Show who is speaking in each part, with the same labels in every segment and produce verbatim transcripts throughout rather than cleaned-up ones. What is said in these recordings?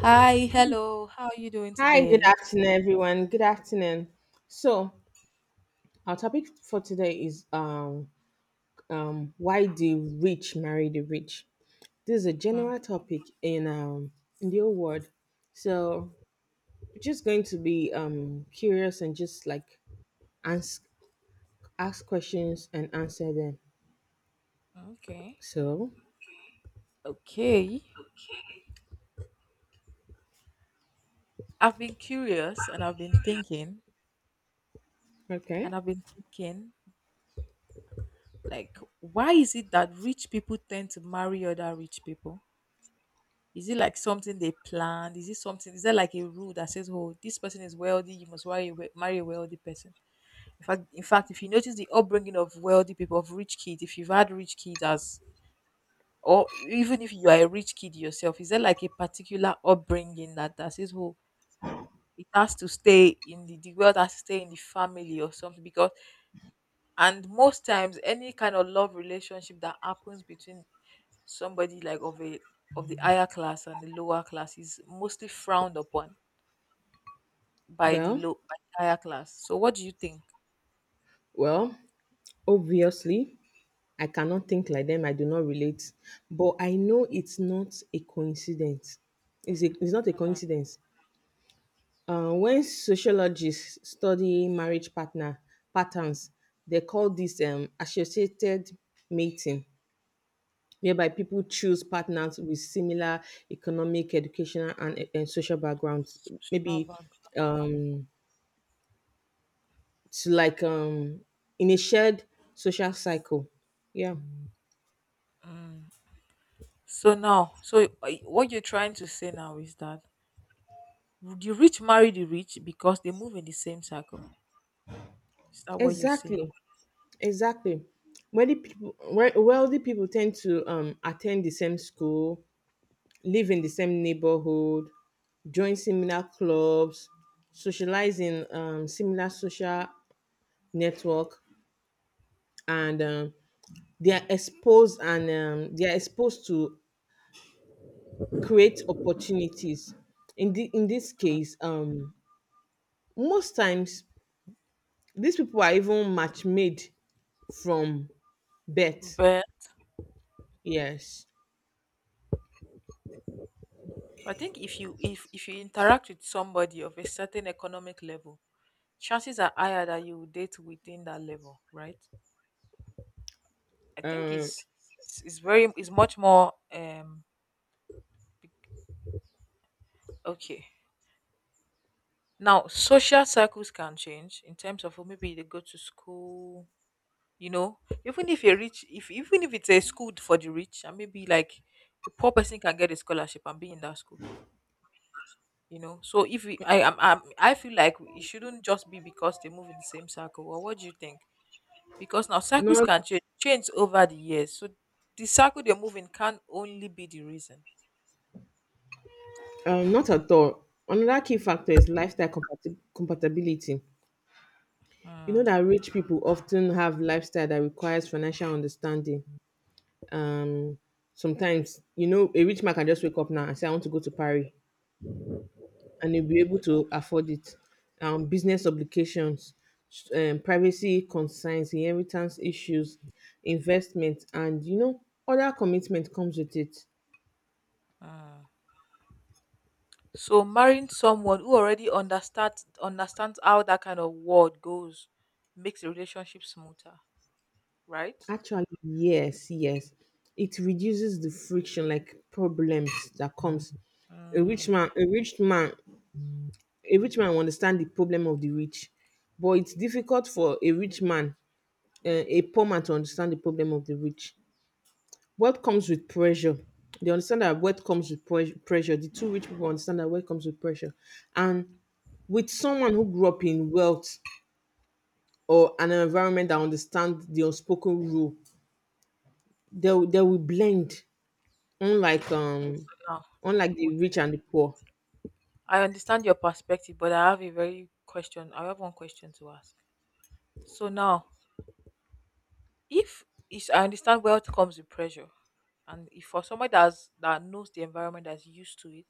Speaker 1: Hi, hello. How are you doing
Speaker 2: Hi, good
Speaker 1: today?
Speaker 2: afternoon, everyone. Good afternoon. So, our topic for today is um, um, why the rich marry the rich. This is a
Speaker 1: Hmm.
Speaker 2: general topic in um, in the old world. So, we're just going to be um, curious and just like ask ask questions and answer them.
Speaker 1: Okay.
Speaker 2: So,
Speaker 1: Okay. I've been curious and I've been thinking
Speaker 2: okay.
Speaker 1: and I've been thinking like, why is it that rich people tend to marry other rich people? Is it like something they planned? Is it something is there like a rule that says, "Oh, this person is wealthy, you must marry a, we- marry a wealthy person." In fact, in fact, if you notice the upbringing of wealthy people, of rich kids, if you've had rich kids as or even if you are a rich kid yourself, is there like a particular upbringing that that says, "Oh, it has to stay in the, the wealth has to stay in the family or something?" Because, and most times, any kind of love relationship that happens between somebody like of a of the higher class and the lower class is mostly frowned upon by the
Speaker 2: Well,
Speaker 1: low by the higher class. So what do you think?
Speaker 2: well, obviously. I cannot think like them. I do not relate. But I know it's not a coincidence. It's, a, it's not a coincidence. Uh, when sociologists study marriage partner patterns, they call this um, associated mating, whereby people choose partners with similar economic, educational, and, and social backgrounds.
Speaker 1: Social
Speaker 2: Maybe
Speaker 1: background.
Speaker 2: um, to like um, in a shared social cycle. Yeah,
Speaker 1: So now, so uh, what you're trying to say now is that the rich marry the rich because they move in the same circle. Is that what you're saying?
Speaker 2: exactly. Exactly. Wealthy people, wealthy people tend to um, attend the same school, live in the same neighborhood, join similar clubs, socialize in um, similar social network, and um, they are exposed and um, they are exposed to create opportunities. In the, in this case, um, most times these people are even match made from birth.
Speaker 1: But.
Speaker 2: Yes,
Speaker 1: So I think if you if if you interact with somebody of a certain economic level, chances are higher that you will date within that level, right? I think
Speaker 2: um,
Speaker 1: it's it's, it's very it's much more um okay. Now social circles can change in terms of, oh, maybe they go to school, you know. Even if you are rich if even if it's a school for the rich, and maybe like a poor person can get a scholarship and be in that school you know So if we, I am I feel like it shouldn't just be because they move in the same circle. Or what do you think? Because now cycles
Speaker 2: not
Speaker 1: can change, change over the years. So the cycle they're moving can only be the reason.
Speaker 2: Um, not at all. Another key factor is lifestyle compati- compatibility. You know
Speaker 1: Mm.
Speaker 2: that rich people often have lifestyle that requires financial understanding. Um, Sometimes, you know, a rich man can just wake up now and say, "I want to go to Paris," and he'll be able to afford it. Um, business obligations, s- um, privacy concerns, inheritance issues, investment, and you know, other commitment comes with it.
Speaker 1: Mm. So marrying someone who already understands understands how that kind of world goes makes the relationship smoother, right?
Speaker 2: Actually, yes, yes. It reduces the friction, like problems that comes. A rich
Speaker 1: Mm.
Speaker 2: man, a rich man, a rich man will understand the problem of the rich, but it's difficult for a rich man, uh, a poor man, to understand the problem of the rich. What comes with pressure? They understand that what comes with pres- pressure. The two rich people understand that what comes with pressure, and with someone who grew up in wealth or an environment that understands the unspoken rule, they, will- they will blend. unlike
Speaker 1: Okay,
Speaker 2: um
Speaker 1: so now,
Speaker 2: unlike
Speaker 1: w-
Speaker 2: the rich and the poor.
Speaker 1: I understand your perspective, but I have a very question. I have one question to ask. So now, if is I understand wealth comes with pressure, and if for somebody that's that knows the environment, that's used to it,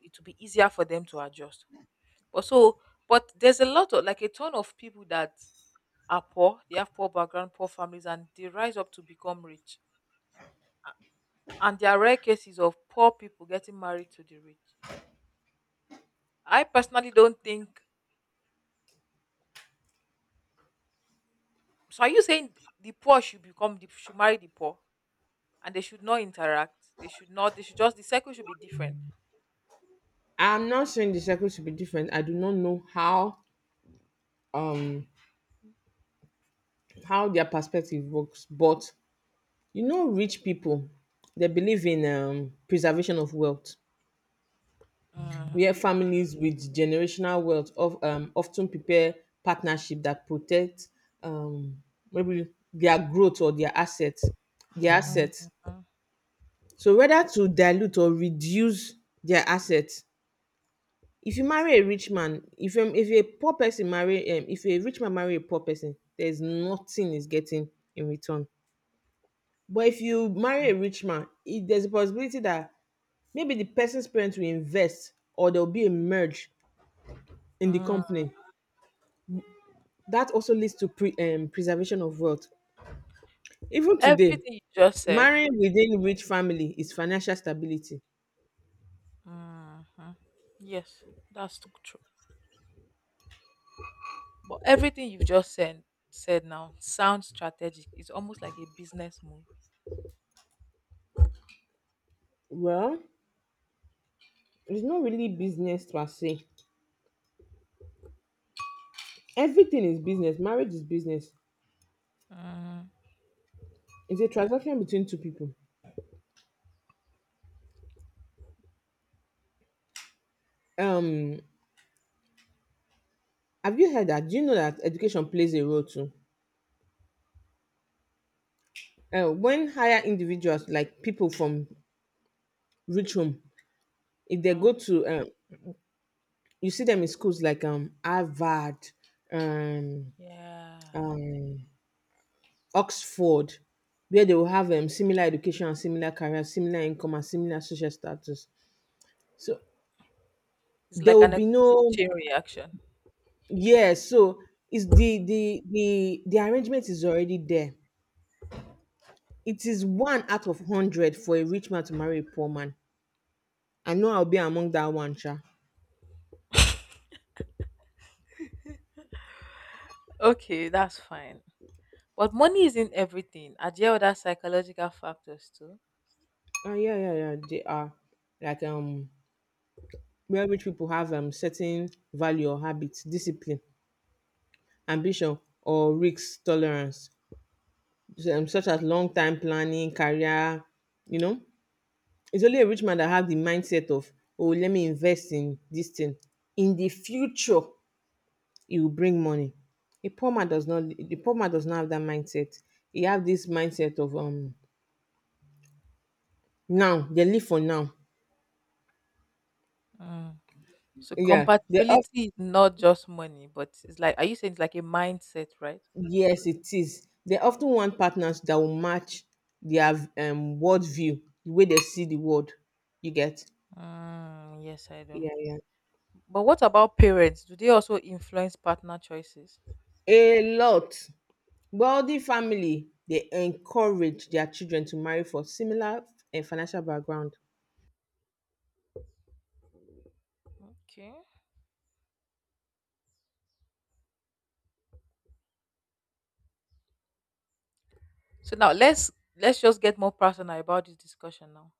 Speaker 1: it will be easier for them to adjust. But so, but there's a lot of, like, a ton of people that are poor. They have poor background, poor families, and they rise up to become rich. And there are rare cases of poor people getting married to the rich. I personally don't think. So are you saying the poor should become the should marry the poor, and they should not interact? They should not. They should just the cycle should be different.
Speaker 2: I'm not saying the circle should be different. I do not know how um how their perspective works, but you know, rich people, they believe in um preservation of wealth, where families with generational wealth of um often prepare partnership that protect um maybe their growth or their assets their assets
Speaker 1: Mhm.
Speaker 2: so whether to dilute or reduce their assets. If you marry a rich man if um if a poor person marry um if a rich man marry a poor person, there's nothing he's getting in return. But if you marry a rich man, it, there's a possibility that maybe the person's parents will invest, or there will be a merge in the
Speaker 1: Mm.
Speaker 2: company that also leads to pre, um, preservation of wealth. Even today,
Speaker 1: Everything you just said.
Speaker 2: marrying within rich family is financial stability.
Speaker 1: Hmm. Yes, that's But everything you've just said said now sounds strategic. It's almost like a business move.
Speaker 2: Well, it's not really business per se. Everything is business. Marriage is business.
Speaker 1: Mm.
Speaker 2: It's a transaction between two people. Um, have you heard that? Do you know that education plays a role too? Uh, when higher individuals, like people from rich home, if they
Speaker 1: Mm.
Speaker 2: go to, um, you see them in schools like um, Harvard, um,
Speaker 1: Yeah.
Speaker 2: um, Oxford, where they will have um, similar education and similar career, similar income and similar social status. So
Speaker 1: It's
Speaker 2: there
Speaker 1: like
Speaker 2: will
Speaker 1: an
Speaker 2: be
Speaker 1: economic
Speaker 2: no,
Speaker 1: chain reaction.
Speaker 2: yes. So it's the the the the arrangement is already there. It is one out of hundred for a rich man to marry a poor man. I know I'll be among that one, sha.
Speaker 1: Okay, that's fine. But money isn't everything. Are there other psychological factors too?
Speaker 2: Uh, yeah, yeah, yeah. They are like um where rich people have um certain value or habits, discipline, ambition, or risk tolerance, um, such as long time planning, career. You know, it's only a rich man that have the mindset of, oh, let me invest in this thing. In the future, it will bring money. A poor man does not. The poor man does not have that mindset. He have this mindset of um now. They live for now.
Speaker 1: Mm. So
Speaker 2: Yeah, they
Speaker 1: compatibility is not just money, but it's like, are you saying it's like a mindset, right?
Speaker 2: Yes, it is. They often want partners that will match their um worldview, the way they see the world. You get?
Speaker 1: Mm, yes, I do.
Speaker 2: Yeah, yeah.
Speaker 1: But what about parents? Do they also influence partner choices?
Speaker 2: A lot. Wealthy family they encourage their children to marry for similar uh, financial background.
Speaker 1: Okay. So now, let's let's just get more personal about this discussion now.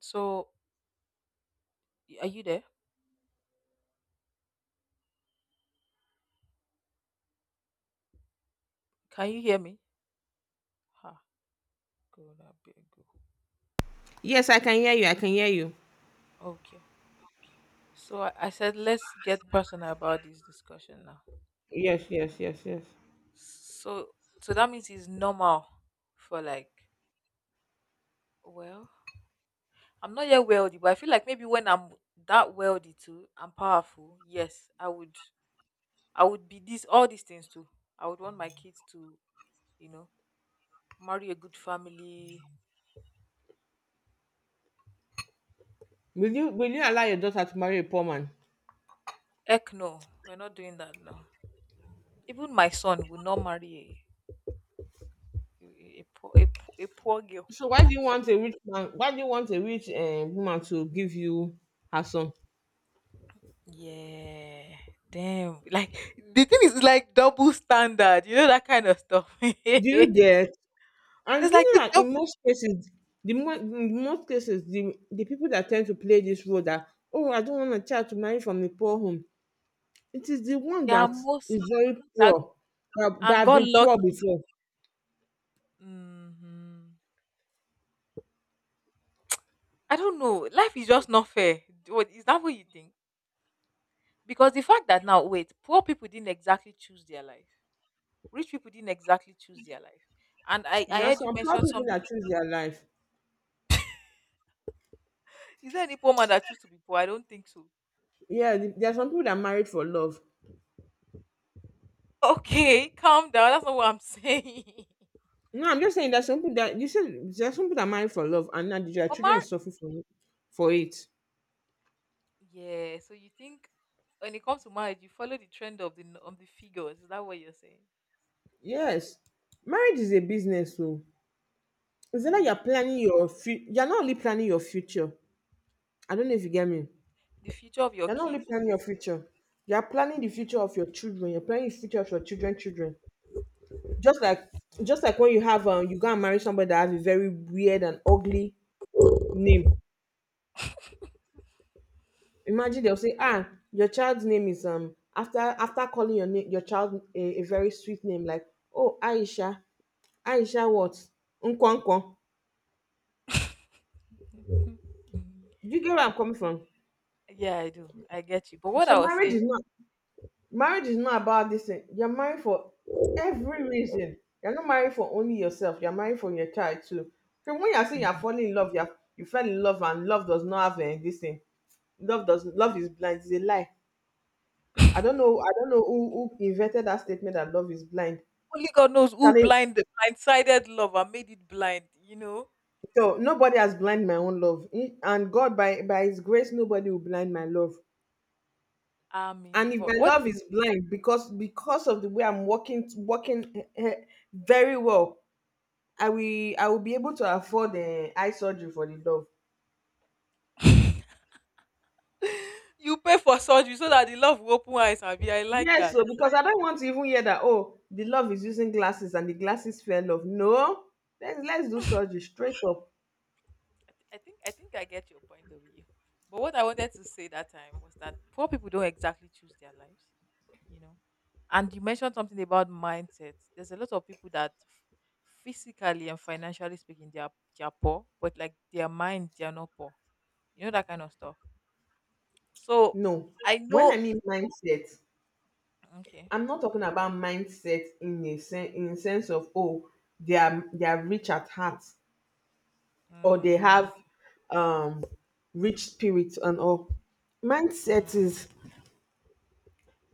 Speaker 1: So, y- are you there? Can you hear me? Ha, good, I beg you.
Speaker 2: Yes, I can hear you. I can hear you.
Speaker 1: Okay. So, I, I said let's get personal about this discussion now.
Speaker 2: Yes, yes, yes, yes.
Speaker 1: So so that means it's normal for, like, well, I'm not yet wealthy, but I feel like maybe when I'm that wealthy too, I'm powerful. Yes, I would I would be this all these things too. I would want my kids to, you know, marry a good family.
Speaker 2: Will you will you allow your daughter to marry a poor man?
Speaker 1: Heck no, we're not doing that. No, even my son will not marry a a, a, poor, a, poor, a poor girl.
Speaker 2: So why do you want a rich man? Why do you want a rich um, woman to give you her son?
Speaker 1: Yeah, damn. Like, the thing is like double standard. You know that kind of stuff.
Speaker 2: Do you
Speaker 1: It's
Speaker 2: get? And do you
Speaker 1: like
Speaker 2: know
Speaker 1: the
Speaker 2: that
Speaker 1: dou-
Speaker 2: in most cases, the mo- in most cases, the, the people that tend to play this role that, oh, I don't want a child to marry from a poor home. It is the one
Speaker 1: they are
Speaker 2: that is
Speaker 1: mostly,
Speaker 2: very
Speaker 1: like,
Speaker 2: poor, that, that
Speaker 1: and
Speaker 2: have
Speaker 1: got
Speaker 2: been poor
Speaker 1: lucky.
Speaker 2: before.
Speaker 1: Hmm. I don't know. Life is just not fair. D- What is that? What you think? Because the fact that now, wait, poor people didn't exactly choose their life. Rich people didn't exactly choose their life. And I,
Speaker 2: There
Speaker 1: I
Speaker 2: are
Speaker 1: heard you
Speaker 2: some poor
Speaker 1: mention
Speaker 2: people
Speaker 1: something.
Speaker 2: that choose their life.
Speaker 1: Is there any poor man that choose to be poor? I don't think so.
Speaker 2: Yeah, th- there are some people that married for love.
Speaker 1: Okay, calm down. That's not what I'm saying.
Speaker 2: No, I'm just saying there's some people that, you said there are some people that married for love and now their children
Speaker 1: Omar,
Speaker 2: suffer from for it.
Speaker 1: yeah. So you think when it comes to marriage, you follow the trend of the n- of the figures? Is that what you're saying?
Speaker 2: Yes, marriage is a business, so it's not like
Speaker 1: Mm.
Speaker 2: you're planning your fu- you're not only planning your future. I don't know if you get me.
Speaker 1: The future of your
Speaker 2: You're not only
Speaker 1: kids
Speaker 2: planning
Speaker 1: too
Speaker 2: your
Speaker 1: is.
Speaker 2: future, you are planning the future of your children. You're planning the future of your children, children. Just like just like
Speaker 1: Mm.
Speaker 2: when you have um, you go and marry somebody that have a very weird and ugly name. Imagine they'll say, ah, your child's name is um after after calling your name your child a, a very sweet name like, oh, Aisha, Aisha what? Nkwonkwo. You get where I'm coming from?
Speaker 1: Yeah, I do. I get you. But what
Speaker 2: So
Speaker 1: I was
Speaker 2: marriage
Speaker 1: saying,
Speaker 2: is not marriage is not about this thing. You're married for every reason. You're not married for only yourself. You're married for your child too. So when you're saying you're
Speaker 1: Mhm.
Speaker 2: falling in love, you're you fell in love and love does not have uh, this thing. Love does love is blind. It's a lie. I don't know. I don't know who, who invented that statement that love is blind.
Speaker 1: Only God knows who
Speaker 2: Can it,
Speaker 1: blind the blindsided love and made it blind. You know.
Speaker 2: so nobody has blind my own love. Mm, and God, by by His grace, nobody will blind my love.
Speaker 1: I mean,
Speaker 2: And if
Speaker 1: but
Speaker 2: my
Speaker 1: what.
Speaker 2: love is blind because because of the way I'm working working eh, eh, very well, I will, I will be able to afford the eye surgery for the dove.
Speaker 1: You pay for surgery so that the love will open eyes and be. I like
Speaker 2: Yes,
Speaker 1: that.
Speaker 2: so because I don't want to even hear that oh the love is using glasses and the glasses fell off. No, let's let's do surgery straight up.
Speaker 1: I, th- I think I think I get your point of view. But what I wanted to say that time was that poor people don't exactly choose their lives, you know. And you mentioned something about mindset. There's a lot of people that f- physically and financially speaking, they are they are poor, but like their mind, they are not poor. You know that kind of stuff. So
Speaker 2: No,
Speaker 1: I
Speaker 2: when I
Speaker 1: know.
Speaker 2: mean mindset,
Speaker 1: Okay.
Speaker 2: I'm not talking about mindset in a sen- in sense of oh they are they are rich at heart or they
Speaker 1: Mm.
Speaker 2: have um rich spirit and all.
Speaker 1: Mm.
Speaker 2: Mindset is,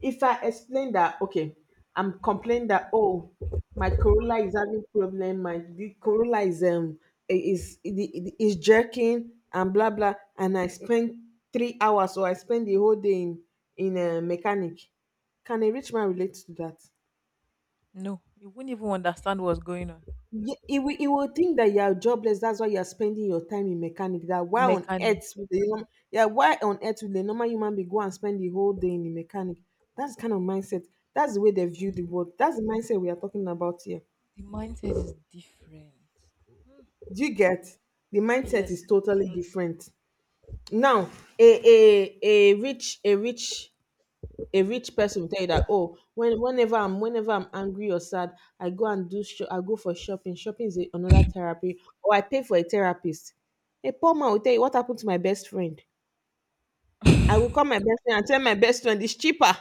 Speaker 2: if I explain that, okay, I'm complaining that, oh, my Corolla is having problem, my the Corolla is um i- is is jerking and blah blah, and I spend three hours or I spend the whole day in in a mechanic. Can a rich man relate to that?
Speaker 1: No, you wouldn't even understand what's going on.
Speaker 2: Ye- You will, you will think that you are jobless. That's why you are spending your time in mechanic. That why on
Speaker 1: Mechanic.
Speaker 2: earth would a normal, yeah, why on earth would a normal human being go and spend the whole day in the mechanic? That's the kind of mindset. That's the way they view the world. That's the mindset we are talking about here.
Speaker 1: The mindset is different.
Speaker 2: Do you get? The mindset
Speaker 1: Yes.
Speaker 2: is totally different. Now, a a a rich a rich a rich person will tell you that, oh, when whenever i'm whenever i'm angry or sad, I go and do sho- I go for shopping. shopping is a- another therapy, or I pay for a therapist. A poor man will tell you, what happened to my best friend, I will call my best friend and tell my best friend. It's cheaper.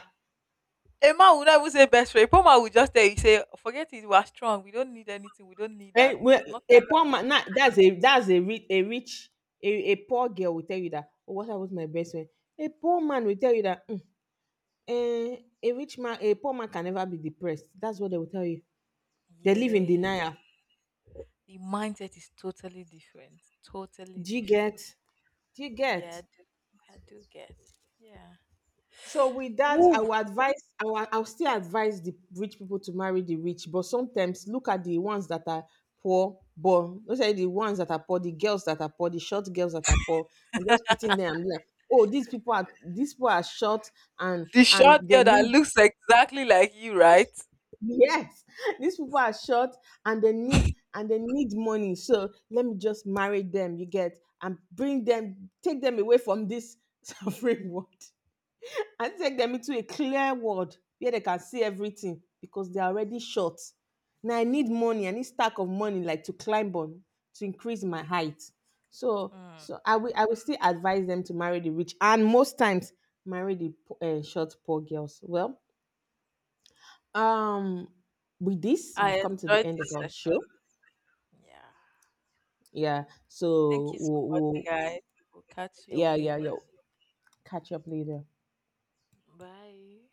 Speaker 1: A man would not even say best friend. A poor man would just tell you, say, forget it, we are strong. We don't need anything. We don't need
Speaker 2: Eh,
Speaker 1: that.
Speaker 2: well,
Speaker 1: There's nothing
Speaker 2: a
Speaker 1: I can.
Speaker 2: poor man, nah, that's a that's a rich a rich a, a poor girl will tell you that, oh, what happened to my best friend. A poor man will tell you that, "Mm, eh, a rich man a poor man can never be depressed." That's what they will tell you. They live in
Speaker 1: Yeah.
Speaker 2: denial.
Speaker 1: The mindset is totally different. Totally
Speaker 2: do you get
Speaker 1: different.
Speaker 2: do you
Speaker 1: Yeah,
Speaker 2: get
Speaker 1: I do, I do get. Yeah.
Speaker 2: So with that, I
Speaker 1: Woo,
Speaker 2: will advise. I will, I will still advise the rich people to marry the rich, but sometimes look at the ones that are poor. But those are the ones that are poor, the girls that are poor, the short girls that are poor, and just putting them and be like, oh, these people are these people are short and
Speaker 1: the short
Speaker 2: and they
Speaker 1: girl that
Speaker 2: need,
Speaker 1: looks exactly like you, right?
Speaker 2: yes, these people are short and they need and they need money. So let me just marry them. You get? And bring them, take them away from this suffering world and take them into a clear world where they can see everything because they're already short. Now I need money, I need stack of money like to climb on to increase my height. So
Speaker 1: Hmm.
Speaker 2: so I will, I will still advise them to marry the rich and most times marry the po- uh, short poor girls. Well, um with this we've
Speaker 1: I
Speaker 2: come to the
Speaker 1: enjoyed
Speaker 2: end of
Speaker 1: this
Speaker 2: our show.
Speaker 1: session. Yeah.
Speaker 2: Yeah.
Speaker 1: Thank
Speaker 2: So
Speaker 1: you so
Speaker 2: we'll,
Speaker 1: much,
Speaker 2: we'll
Speaker 1: guys. We'll catch you up
Speaker 2: yeah yeah yeah
Speaker 1: later.
Speaker 2: catch up later.
Speaker 1: Bye.